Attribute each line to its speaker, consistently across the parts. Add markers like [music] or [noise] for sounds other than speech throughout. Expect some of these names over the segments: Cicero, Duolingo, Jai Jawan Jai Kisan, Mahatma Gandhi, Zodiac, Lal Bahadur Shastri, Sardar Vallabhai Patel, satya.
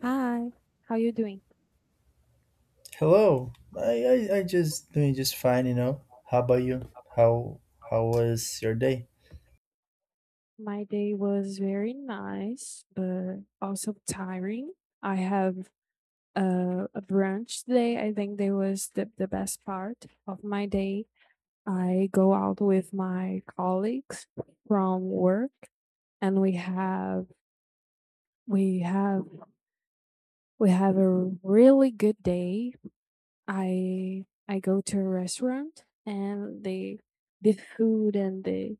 Speaker 1: Hi, how you doing?
Speaker 2: Hello. I just doing just fine. How about you? How how was your day?
Speaker 1: My day was very nice, but also tiring. I have a brunch today. I think that was the best part of my day. I go out with my colleagues from work and we have we have a really good day. I go to a restaurant and the food and the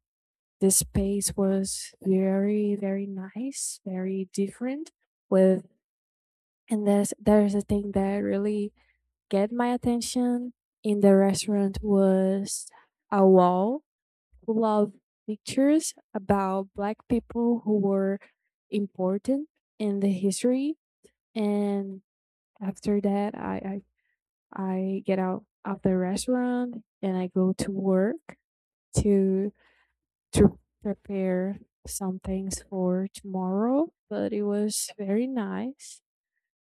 Speaker 1: the space was very nice, very different with. And there's a thing that really get my attention in the restaurant was a wall full of pictures about black people who were important in the history. And after that I get out of the restaurant and I go to work to to prepare some things for tomorrow, but it was very nice,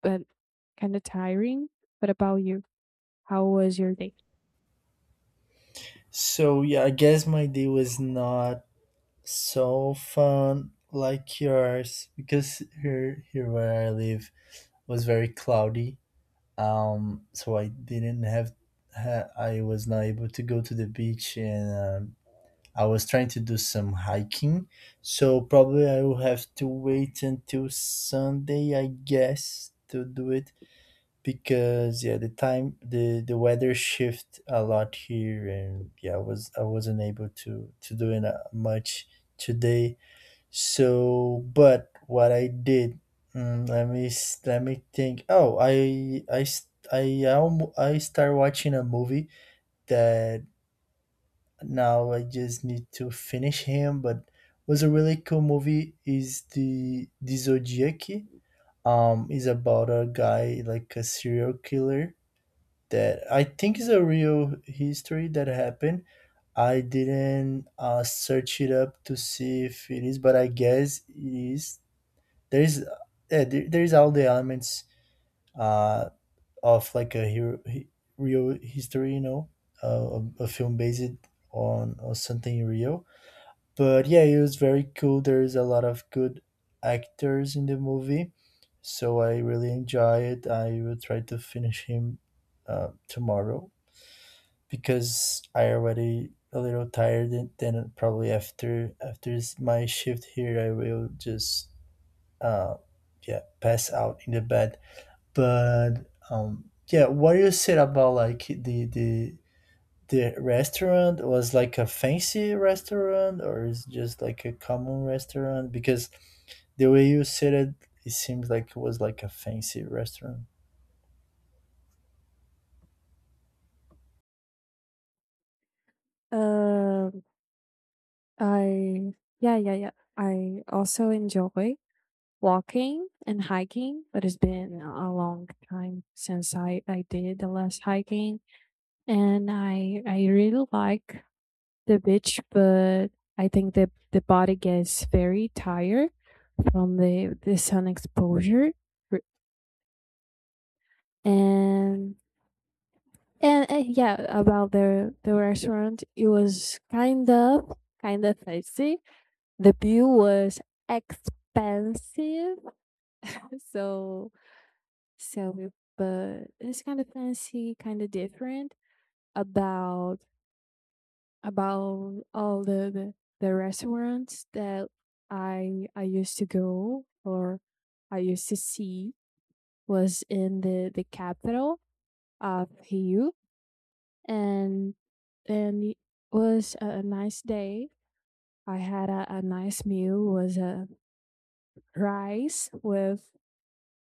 Speaker 1: but kind of tiring. What about you? How was your day?
Speaker 2: So yeah, I guess my day was not so fun like yours because here where I live was very cloudy. So I didn't have ha- I was not able to go to the beach, and I was trying to do some hiking. So probably I will have to wait until Sunday, I guess, to do it because yeah, the time the weather shift a lot here, and yeah, I wasn't able to do it much today. So, but what I did, let me think. Oh, I s- I almo- I start watching a movie that now I just need to finish him, but was a really cool movie. Is the Zodiac? Is about a guy like a serial killer that I think is a real history that happened. I didn't search it up to see if it is, but I guess it is. There is, yeah, there is all the elements uh, of, like, a hero, real history, a film based on something real. But yeah, it was very cool. There is a lot of good actors in the movie, so I really enjoy it. I will try to finish him tomorrow because I already a little tired, and then probably my shift here I will just uh yeah, pass out in the bed. But yeah, what you said about, like, the restaurant, was like a fancy restaurant, or is just like a common restaurant? Because the way you said it, it seems like it was like a fancy restaurant.
Speaker 1: Um, I yeah, yeah, yeah. I also enjoy walking and hiking, but it's been a long time since I did the last hiking, and I really like the beach, but I think the body gets very tired from the sun exposure, R- and yeah, about the restaurant, it was kind of fancy. The bill was expensive, [laughs] so so we- but it's kind of fancy, kind of different. About about all the restaurants that I used to go or I used to see was in the capital of Rio, and and it was a nice day. I had a nice meal was a rice with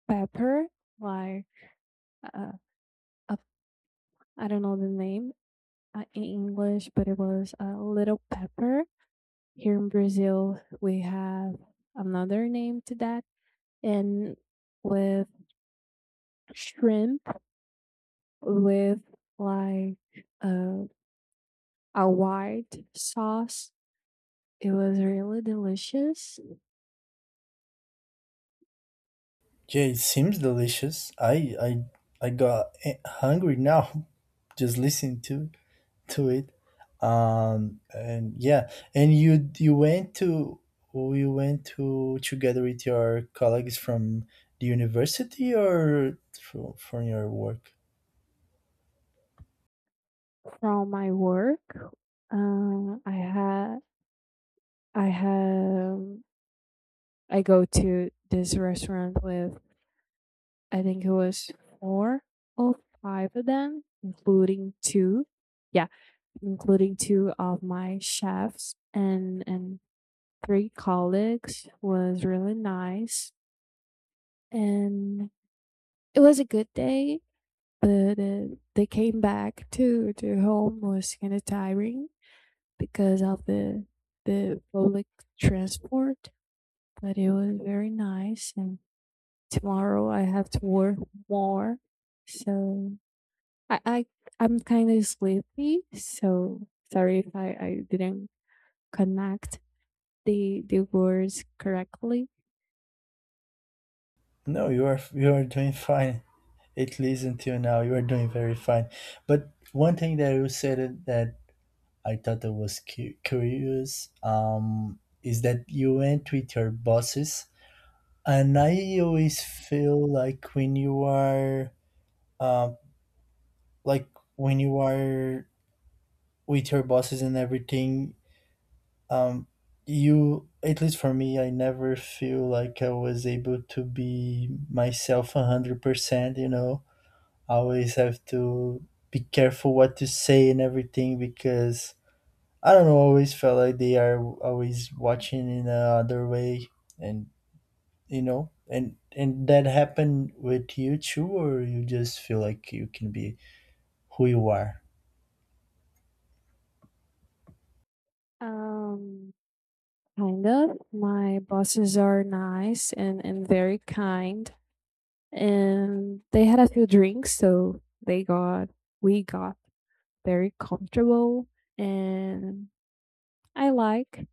Speaker 1: pepper, like uh, a, I don't know the name in English, but it was a little pepper. Here in Brazil, we have another name to that. And with shrimp, with like uh, a white sauce, it was really delicious.
Speaker 2: Yeah, it seems delicious. I got hungry now [laughs] just listening to it. And yeah, and you went to together with your colleagues from the university or from your work?
Speaker 1: From my work, uh, I had I had I go to this restaurant with I think it was four or five of them, including two. Yeah, including two of my chefs, and three colleagues was really nice, and it was a good day, but they came back to home was kind of tiring because of the public transport, but it was very nice. And tomorrow I have to work more, so I, I'm kind of sleepy, so sorry if I didn't connect the words correctly.
Speaker 2: No, you are doing [laughs] fine. At least until now, you are doing very fine. But one thing that you said that I thought it was curious. Is that you went with your bosses, and I always feel like um, like when you are with your bosses and everything, um, you at least for me, I never feel like I was able to be myself 100%. I always have to be careful what to say and everything because I don't know, always felt like they are always watching in another way, and and that happened with you too, or you just feel like you can be who you are.
Speaker 1: Um, Kind of. My bosses are nice and very kind. And they had a few drinks, so they got we got very comfortable. And I like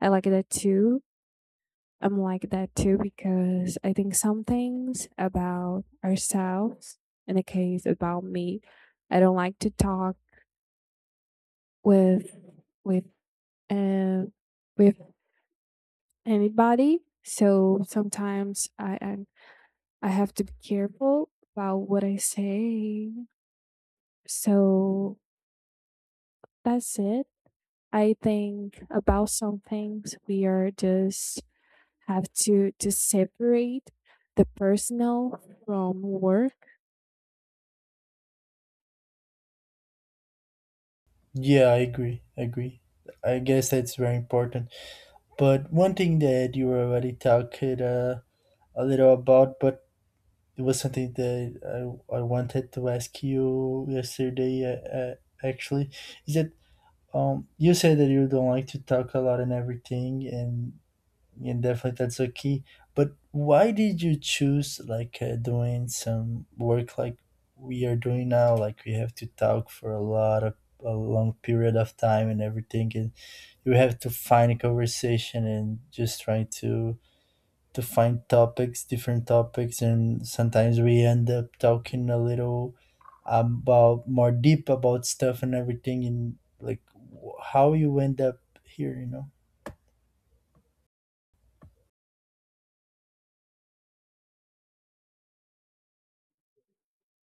Speaker 1: I like that too. I'm like that too because I think some things about ourselves, in the case about me, I don't like to talk with with uh, with anybody. So sometimes I have to be careful about what I say. So that's it. I think about some things we are just have to separate the personal from work.
Speaker 2: Yeah, I agree. I agree. I guess that's very important. But one thing that you already talked a little about, but it was something that I wanted to ask you yesterday, actually, is that you said that you don't like to talk a lot and everything, and yeah, definitely that's a key. But why did you choose, like, doing some work like we are doing now? Like, we have to talk for a long period of time and everything, and you have to find a conversation and just trying to find topics, different topics, and sometimes we end up talking a little about more deep about stuff and everything, and like, how you end up here, you know?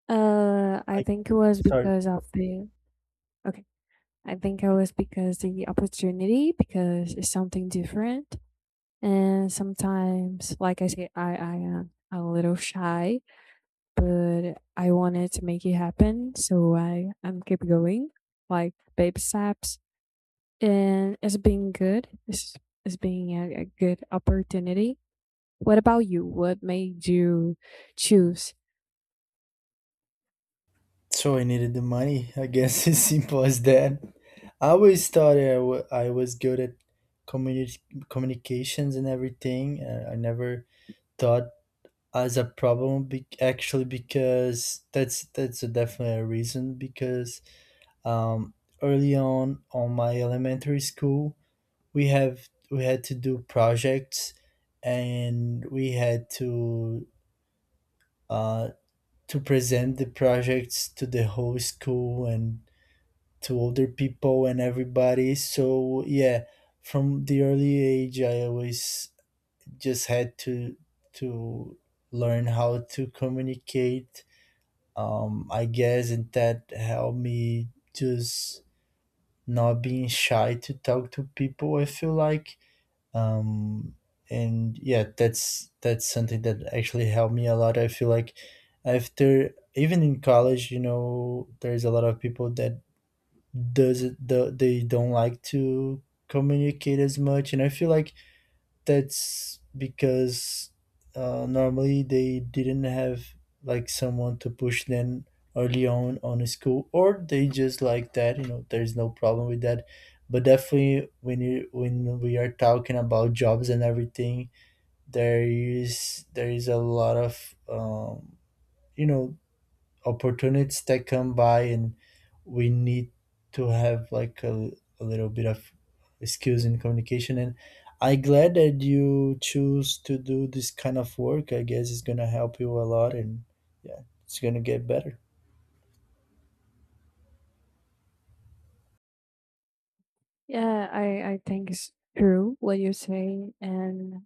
Speaker 1: I
Speaker 2: I
Speaker 1: think it was
Speaker 2: sorry.
Speaker 1: because of the. Okay. I think it was because the opportunity, because it's something different. And sometimes, like I say, I am a little shy, but I wanted to make it happen, so I I'm keep going like baby steps, and it's been good. It's been a good opportunity. What about you? What made you choose?
Speaker 2: So I needed the money. I guess [laughs] it's simple as that. I always thought I was good at communi- communications and everything. I never thought as a problem, actually, because that's a definitely a reason, because um, early on my elementary school, we had to do projects, and we had uh, to present the projects to the whole school and to other people and everybody. So yeah, from the early age, I always just had to learn how to communicate. I guess, and that helped me just not being shy to talk to people. Um, and yeah, that's something that actually helped me a lot. I feel like after, even in college, there's a lot of people that they don't like to communicate as much, and I feel like that's because normally they didn't have, like, someone to push them early on a school, or they just like that, there's no problem with that. But definitely when we are talking about jobs and everything, there is a lot of you know opportunities that come by, and we need to have, like, a little bit of skills in communication, and I'm glad that you choose to do this kind of work. I guess it's gonna help you a lot, and yeah, it's gonna get better.
Speaker 1: Yeah, I think it's true what you say, and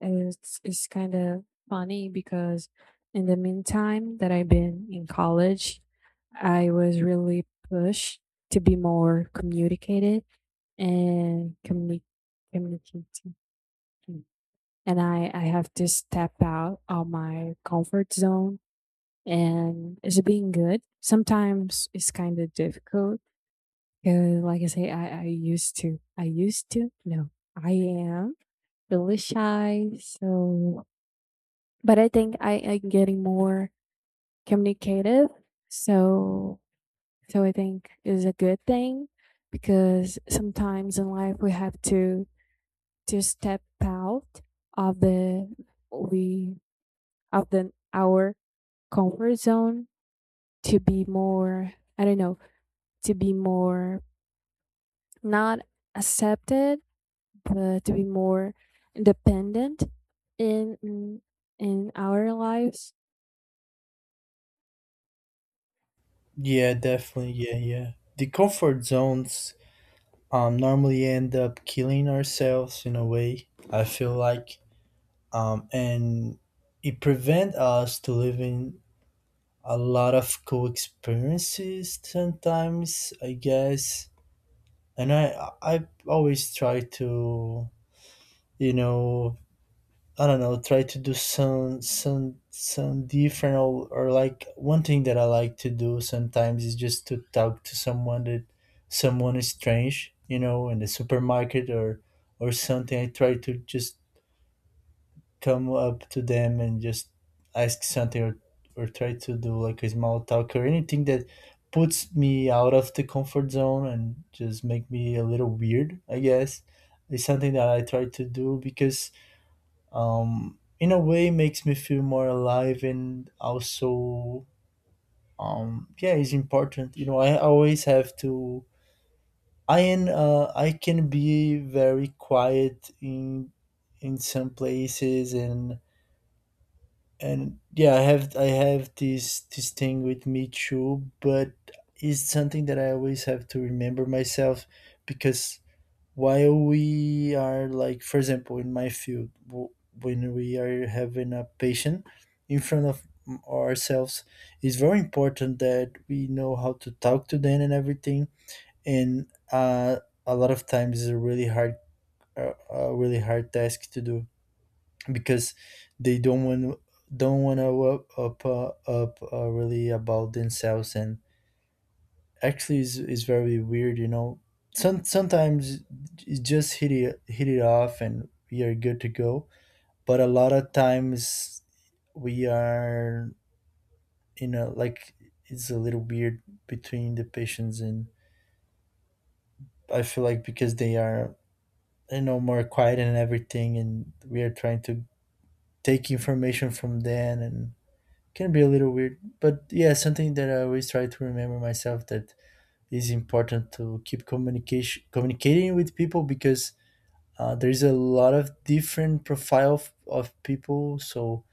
Speaker 1: it's kind of funny because in the meantime that I've been in college, I was really pushed to be more communicated and communicating. And I have to step out of my comfort zone. And is it being good? Sometimes it's kind of difficult. 'Cause like I say, I used to, no, I am really shy. So, but I think I am getting more communicative. So, so I think is a good thing because sometimes in life we have to step out of the we of the our comfort zone to be more. I don't know, to be more not accepted, but to be more independent in in in our lives.
Speaker 2: Yeah, definitely, yeah, yeah, the comfort zones normally end up killing ourselves in a way, I feel like, and it prevent us to living a lot of cool experiences sometimes, I guess, and I always try to, you know I don't know, try to do some different, or like one thing that I like to do sometimes is just to talk to someone is strange, in the supermarket, or something I try to just come up to them and just ask something, or try to do, like, a small talk, or anything that puts me out of the comfort zone and just make me a little weird, I guess. It's something that I try to do because, in a way, it makes me feel more alive. And also, yeah, it's important, I always have to I am I can be very quiet in some places, and yeah, I have this thing with me too. But it's something that I always have to remember myself because while we are, like, for example, in my field, when we are having a patient in front of ourselves, it's very important that we know how to talk to them and everything. And a lot of times it's a really hard task to do because they don't want to up up up really about themselves, and actually is very weird, sometimes you just hit it off and we are good to go. But a lot of times we are, like, it's a little weird between the patients, and I feel like because they are, more quiet and everything, and we are trying to take information from them, and can be a little weird. But yeah, something that I always try to remember myself, that is important to keep communication communicating with people because, there's a lot of different profile of people. So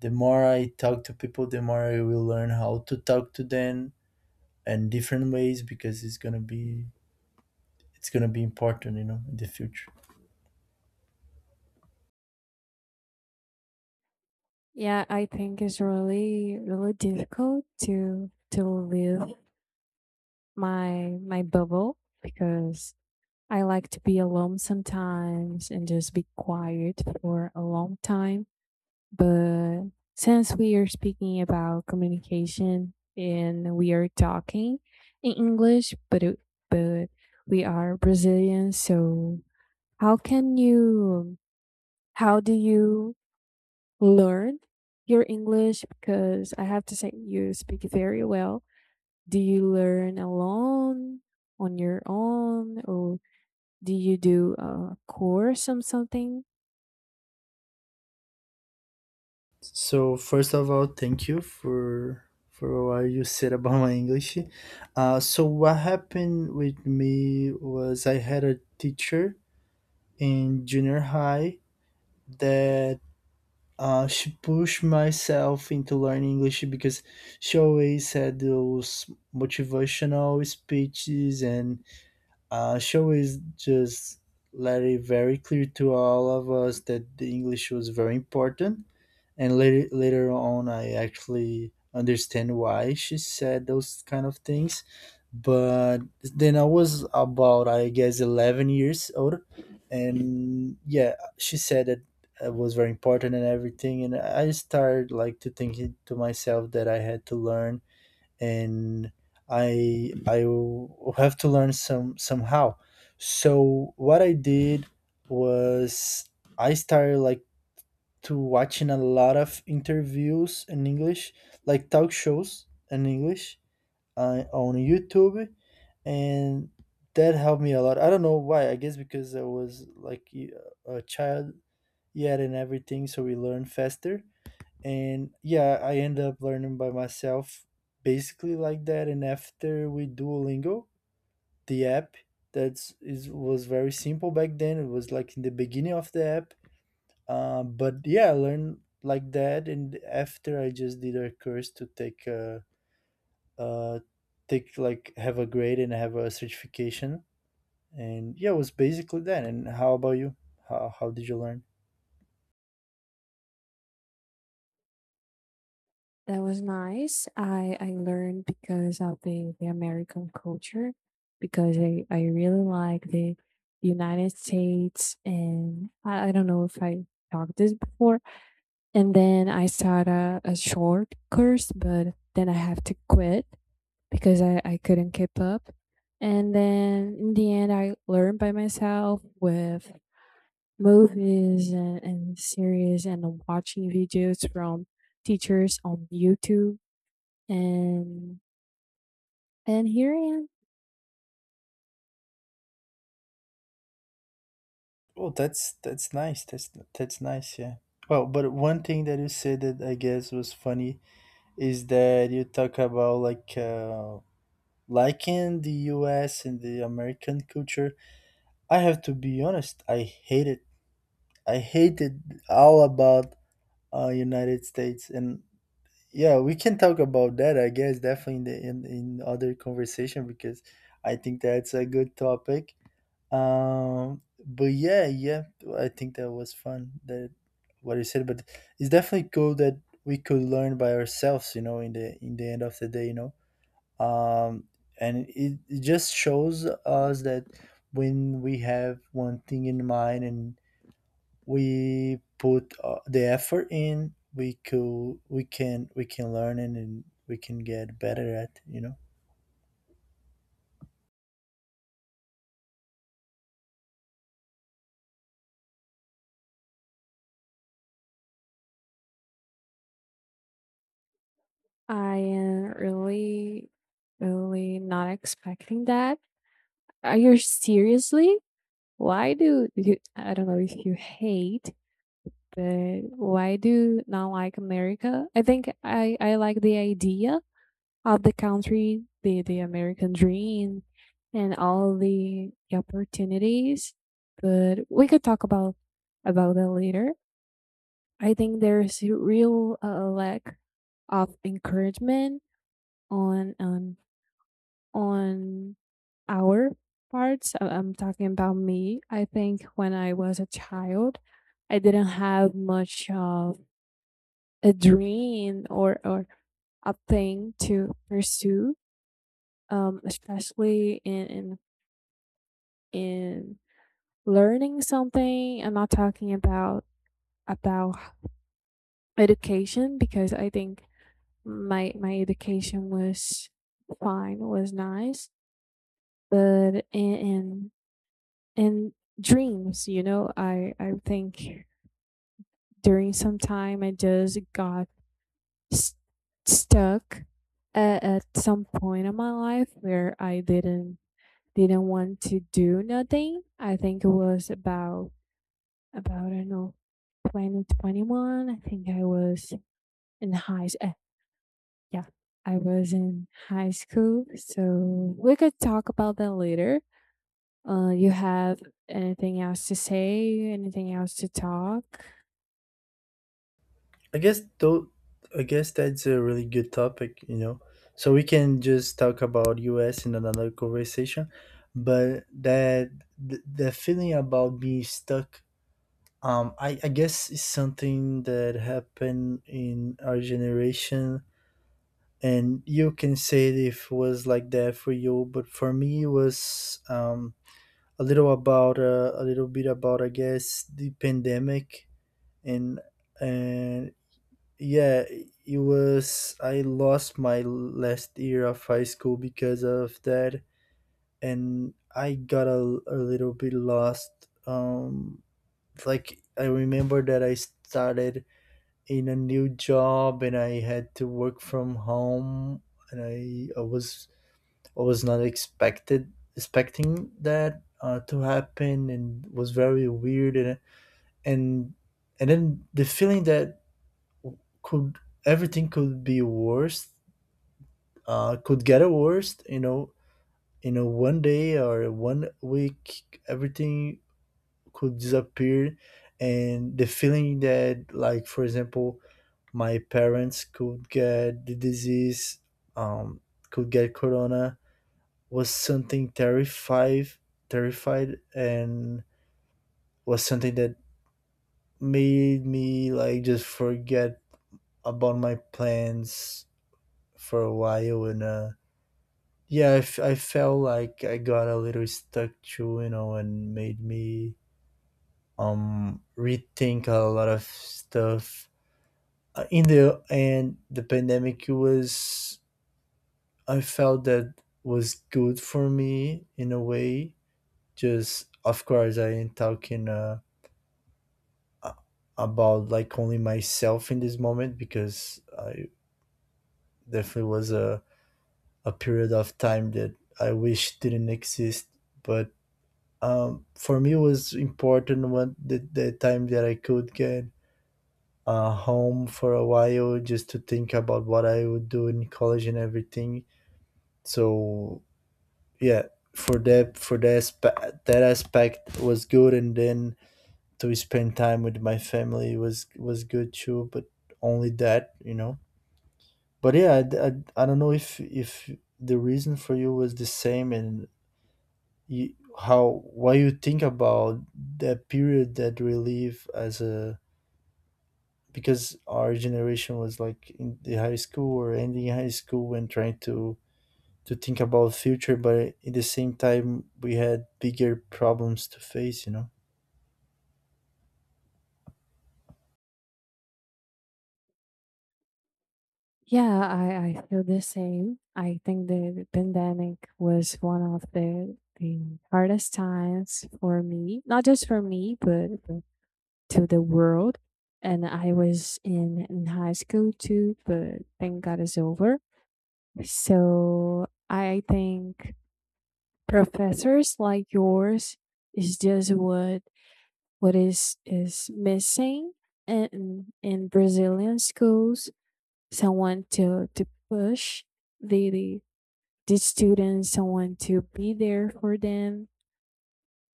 Speaker 2: the more I talk to people, the more I will learn how to talk to them, and different ways, because it's gonna be important, in the future.
Speaker 1: Yeah, I think it's really difficult to live my my bubble because I like to be alone sometimes and just be quiet for a long time. But since we are speaking about communication and we are talking in English, but it, but we are Brazilian, so how can you how do you learn your English? Because I have to say you speak very well. Do you learn alone, on your own, or do you do a course or something?
Speaker 2: So first of all, thank you for what you said about my English. So what happened with me was I had a teacher in junior high that, she pushed myself into learning English because she always had those motivational speeches, and she always just let it very clear to all of us that the English was very important, and later on I actually understand why she said those kind of things. But then I was about, I guess, 11 years old, and yeah, she said that it was very important and everything, and I started, like, to think it to myself that I had to learn, and I will have to learn somehow. So what I did was I started, like, to watching a lot of interviews in English, like talk shows in English, on YouTube, and that helped me a lot. I don't know why. I guess because I was like a child yet and everything, so we learn faster. And yeah, I end up learning by myself, basically like that. And after, we Duolingo, the app that's is was very simple back then. It was like in the beginning of the app, but yeah, I learned like that, and after I just did a course to uh take, like, have a grade and have a certification, and yeah, it was basically that. And how about you? How did you learn?
Speaker 1: That was nice. I learned because of the American culture because I really like the United States, and I don't know if I talked this before. And then I started a short course, but then I have to quit because I couldn't keep up. And then in the end I learned by myself with movies and series and watching videos from teachers on YouTube, and and here I am.
Speaker 2: Oh, that's nice. That's nice. Yeah. Well, but one thing that you said that I guess was funny is that you talk about, like, liking the U.S. and the American culture. I have to be honest. I hated all about United States, and yeah, we can talk about that. I guess definitely in in other conversation because I think that's a good topic. But I think that was fun that what you said. But it's definitely cool that we could learn by ourselves. You know, in the end of the day. um, and it just shows us that when we have one thing in mind and we put the effort in we could we can learn and we can get better at you know
Speaker 1: I am really, really not expecting that. Are you seriously? I don't know if you hate, but why do you not like America? I think I like the idea of the country, the American dream, and all the opportunities. But we could talk about that later. I think there's a real lack of encouragement on on on our parts. I'm talking about me. I think when I was a child, I didn't have much of a dream, or a thing to pursue. Especially in learning something. I'm not talking about education because I think my education was fine, was nice. But and dreams, you know, I think during some time I just got st- stuck at some point in my life where I didn't want to do nothing. I think it was about I don't know 2021. I think I was in yeah, I was in high school. So we could talk about that later. You have anything else to say? Anything else to talk?
Speaker 2: i guess though i guess that's a really good topic, you know, so we can just talk about us in another conversation. But the feeling about being stuck, I guess is something that happened in our generation, and you can say it if it was like that for you, but for me it was a little bit about I guess the pandemic. And and Yeah, it was I lost my last year of high school because of that, and I got a little bit lost. Like I remember that I started in a new job, and I had to work from home, and I was I was not expected expecting that, to happen, and was very weird, and and then the feeling that could everything could be worse, could get worse, you know, in a one day or one week, everything could disappear, and the feeling that, like for example, my parents could get the disease, um, could get corona, was something terrified, terrified, and was something that made me like just forget about my plans for a while. And yeah, I felt like I got a little stuck too, you know, and made me rethink a lot of stuff. In the end, the pandemic was I felt that was good for me in a way. Just of course, I ain't talking. A- about like only myself in this moment, because I definitely was a period of time that I wish didn't exist. But for me, it was important when the time that I could get home for a while just to think about what I would do in college and everything. So yeah, for that aspect was good, and then to spend time with my family was good too. But only that, you know. But yeah, I don't know if the reason for you was the same, and you, how what you think about that period that we live as a, because our generation was like in the high school or ending high school and trying to think about future, but at the same time we had bigger problems to face, you know.
Speaker 1: Yeah, I feel the same. I think the pandemic was one of the hardest times for me, not just for me, but to the world. And I was in high school too, but thank God it's over. So I think professors like yours is just what is missing in Brazilian schools. Someone to push the the, the students, someone to be there for them.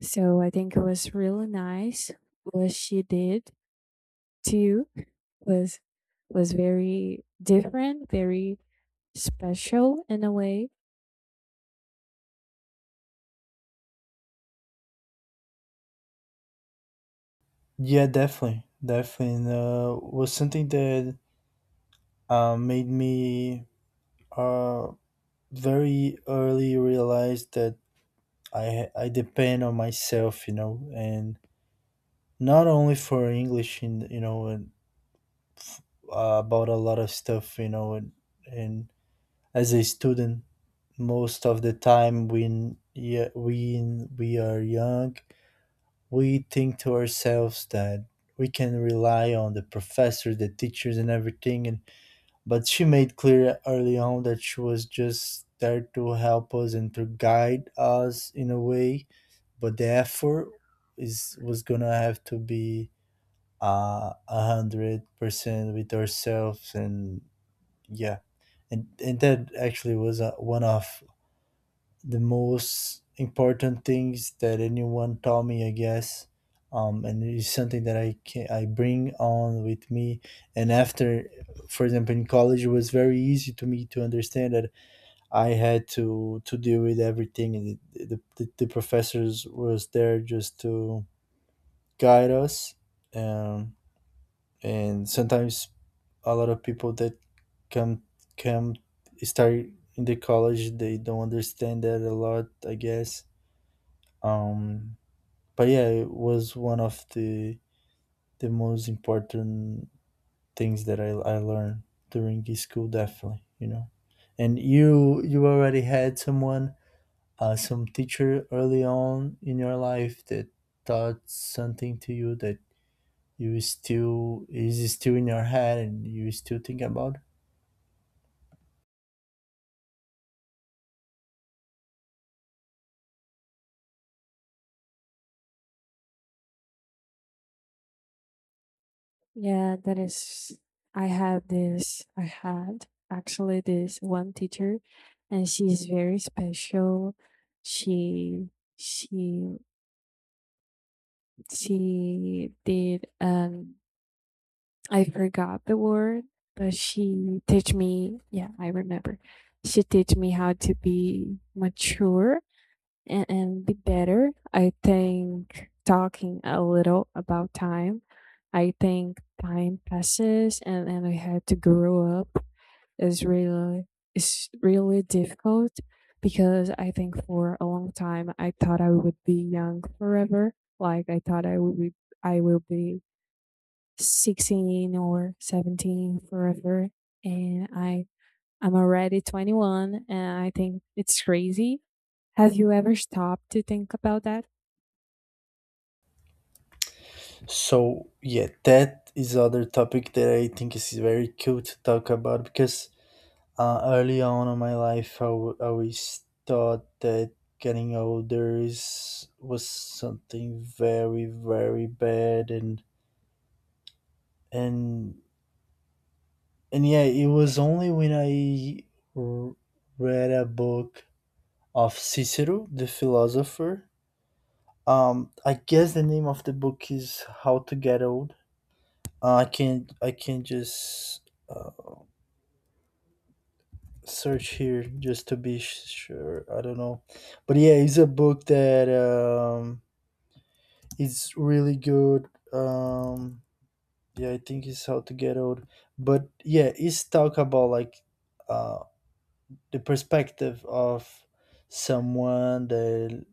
Speaker 1: So I think it was really nice what she did too, was was very different, very special in a way.
Speaker 2: Yeah, definitely, definitely. And was something that made me uh, very early realize that I depend on myself, you know, and not only for English, and you know, and about a lot of stuff, you know, and as a student, most of the time when yeah when we are young, we think to ourselves that we can rely on the professor, the teachers, and everything. And but she made clear early on that she was just there to help us and to guide us in a way, but the effort is was gonna have to be 100% with ourselves. And yeah, and that actually was one of the most important things that anyone taught me, I guess. And it's something that I bring on with me, and after, for example, in college it was very easy to me to understand that I had to deal with everything, and the professors was there just to guide us, um, and sometimes a lot of people that come come start in the college they don't understand that a lot, I guess. um but yeah, it was one of the most important things that I learned during school, definitely, you know. And you already had someone, some teacher early on in your life that taught something to you that you still is still in your head and you still think about it.
Speaker 1: Yeah, that is. I had actually this one teacher, and she's very special. She she she did. I forgot the word, but she teach me. Yeah, I remember. She teach me how to be mature and be better. I think talking a little about time, I think time passes, and I had to grow up is really is really difficult, because I think for a long time I thought I would be young forever. Like I thought I would be I will be 16 or 17 forever. And I'm already 21, and I think it's crazy. Have you ever stopped to think about that?
Speaker 2: So yeah, that is other topic that I think is very cool to talk about, because early on in my life I always thought that getting older is was something very very bad, and and yeah, it was only when r- read a book of Cicero the philosopher. I guess the name of the book is How to Get Old. I can just search here just to be sure. I don't know, but yeah, it's a book that it's really good. Yeah, I think it's How to Get Old, but yeah, it's talk about like uh, the perspective of someone that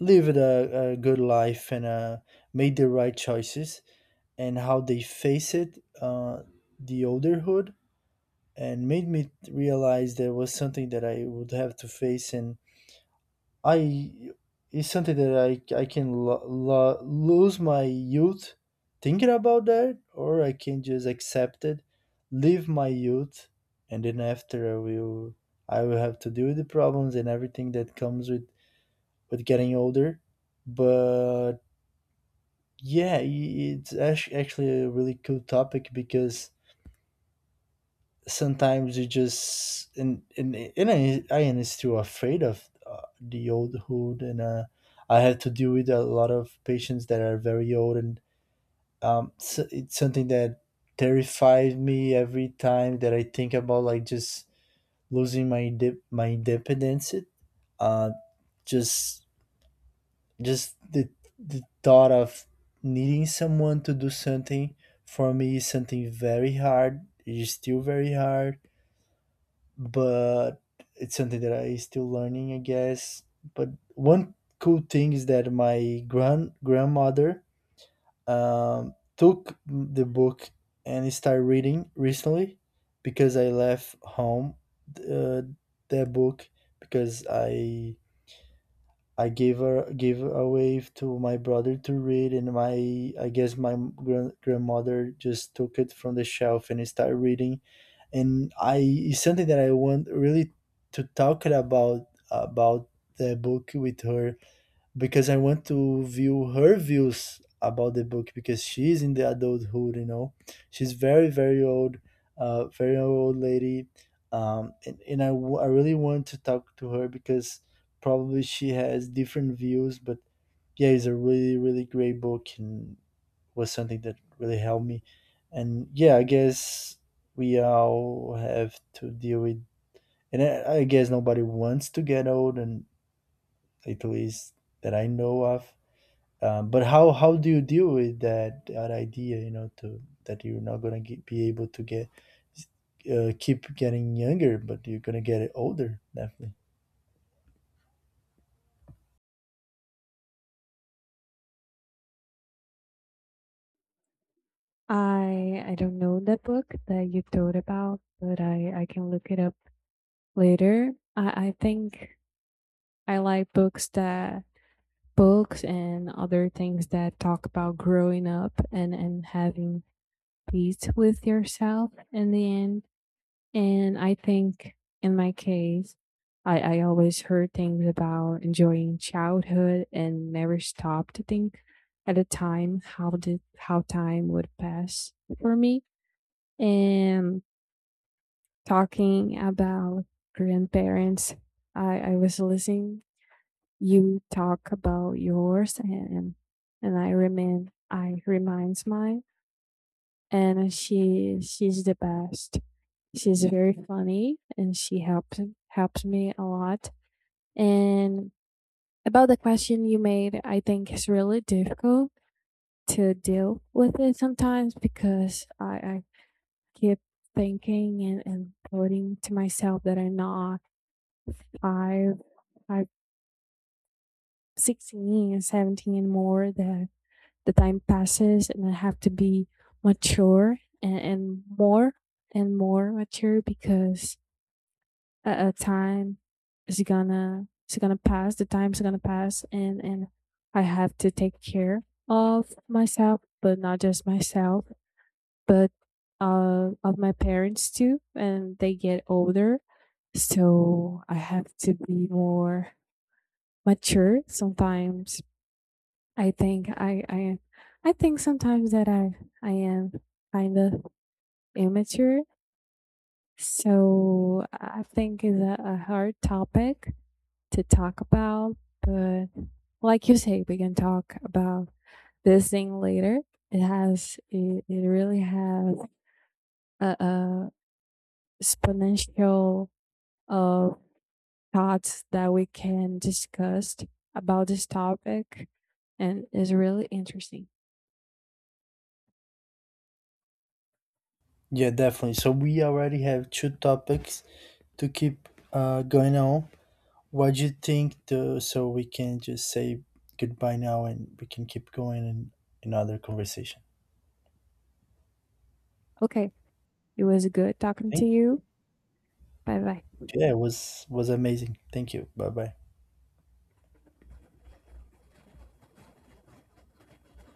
Speaker 2: lived a good life, and made the right choices, and how they face it, the olderhood. And made me realize there was something that I would have to face, and I it's something that I can lose my youth thinking about that, or I can just accept it, live my youth, and then after I will have to deal with the problems and everything that comes with getting older. But yeah, it's actually a really cool topic because sometimes you just and and I am still afraid of the old hood, and I have to deal with a lot of patients that are very old, and so it's something that terrifies me every time that I think about, like just losing my my independence. uh just just the thought of needing someone to do something for me is something very hard, it is still very hard. But it's something that I still learning, I guess. But one cool thing is that my grandmother, took the book and started reading recently, because I left home, uh, that book, because I gave away to my brother to read, and my I guess my grandmother just took it from the shelf and started reading. And I it's something that I want really to talk it about the book with her, because I want to view her views about the book because she's in the adulthood, you know. She's very, very old lady. And I really want to talk to her because probably she has different views. But yeah, it's a really, really great book, and was something that really helped me. And yeah, I guess we all have to deal with, and I guess nobody wants to get old, and at least that I know of. But how do you deal with that that idea? You know, to that you're not gonna be able to get keep getting younger, but you're gonna get it older, definitely.
Speaker 1: I don't know that book that you told about, but I can look it up later. I think I like books that books and other things that talk about growing up and having peace with yourself in the end. And I think in my case, I always heard things about enjoying childhood and never stopped to think at a time how did how time would pass for me. And talking about grandparents, I was listening you talk about yours, and I reminds mine, and she's the best. She's very funny, and she helped me a lot. And about the question you made, I think it's really difficult to deal with it sometimes because I keep thinking and putting to myself that I'm not five, five sixteen and 17 and more, that the time passes and I have to be mature and more mature, because a time is gonna pass. The time's gonna pass, and I have to take care of myself, but not just myself, but of my parents too. And they get older, so I have to be more mature. Sometimes I think I I I think sometimes that I am kind of immature. So I think it's a hard topic to talk about, but like you say, we can talk about this thing later. It has it really has a exponential of thoughts that we can discuss about this topic, and is really interesting.
Speaker 2: Yeah, definitely. So we already have two topics to keep going on. What do you think? To, so we can just say goodbye now, and we can keep going in another conversation.
Speaker 1: Okay, it was good talking to
Speaker 2: Thank you.
Speaker 1: you. Bye bye.
Speaker 2: Yeah, it was amazing. Thank you. Bye bye.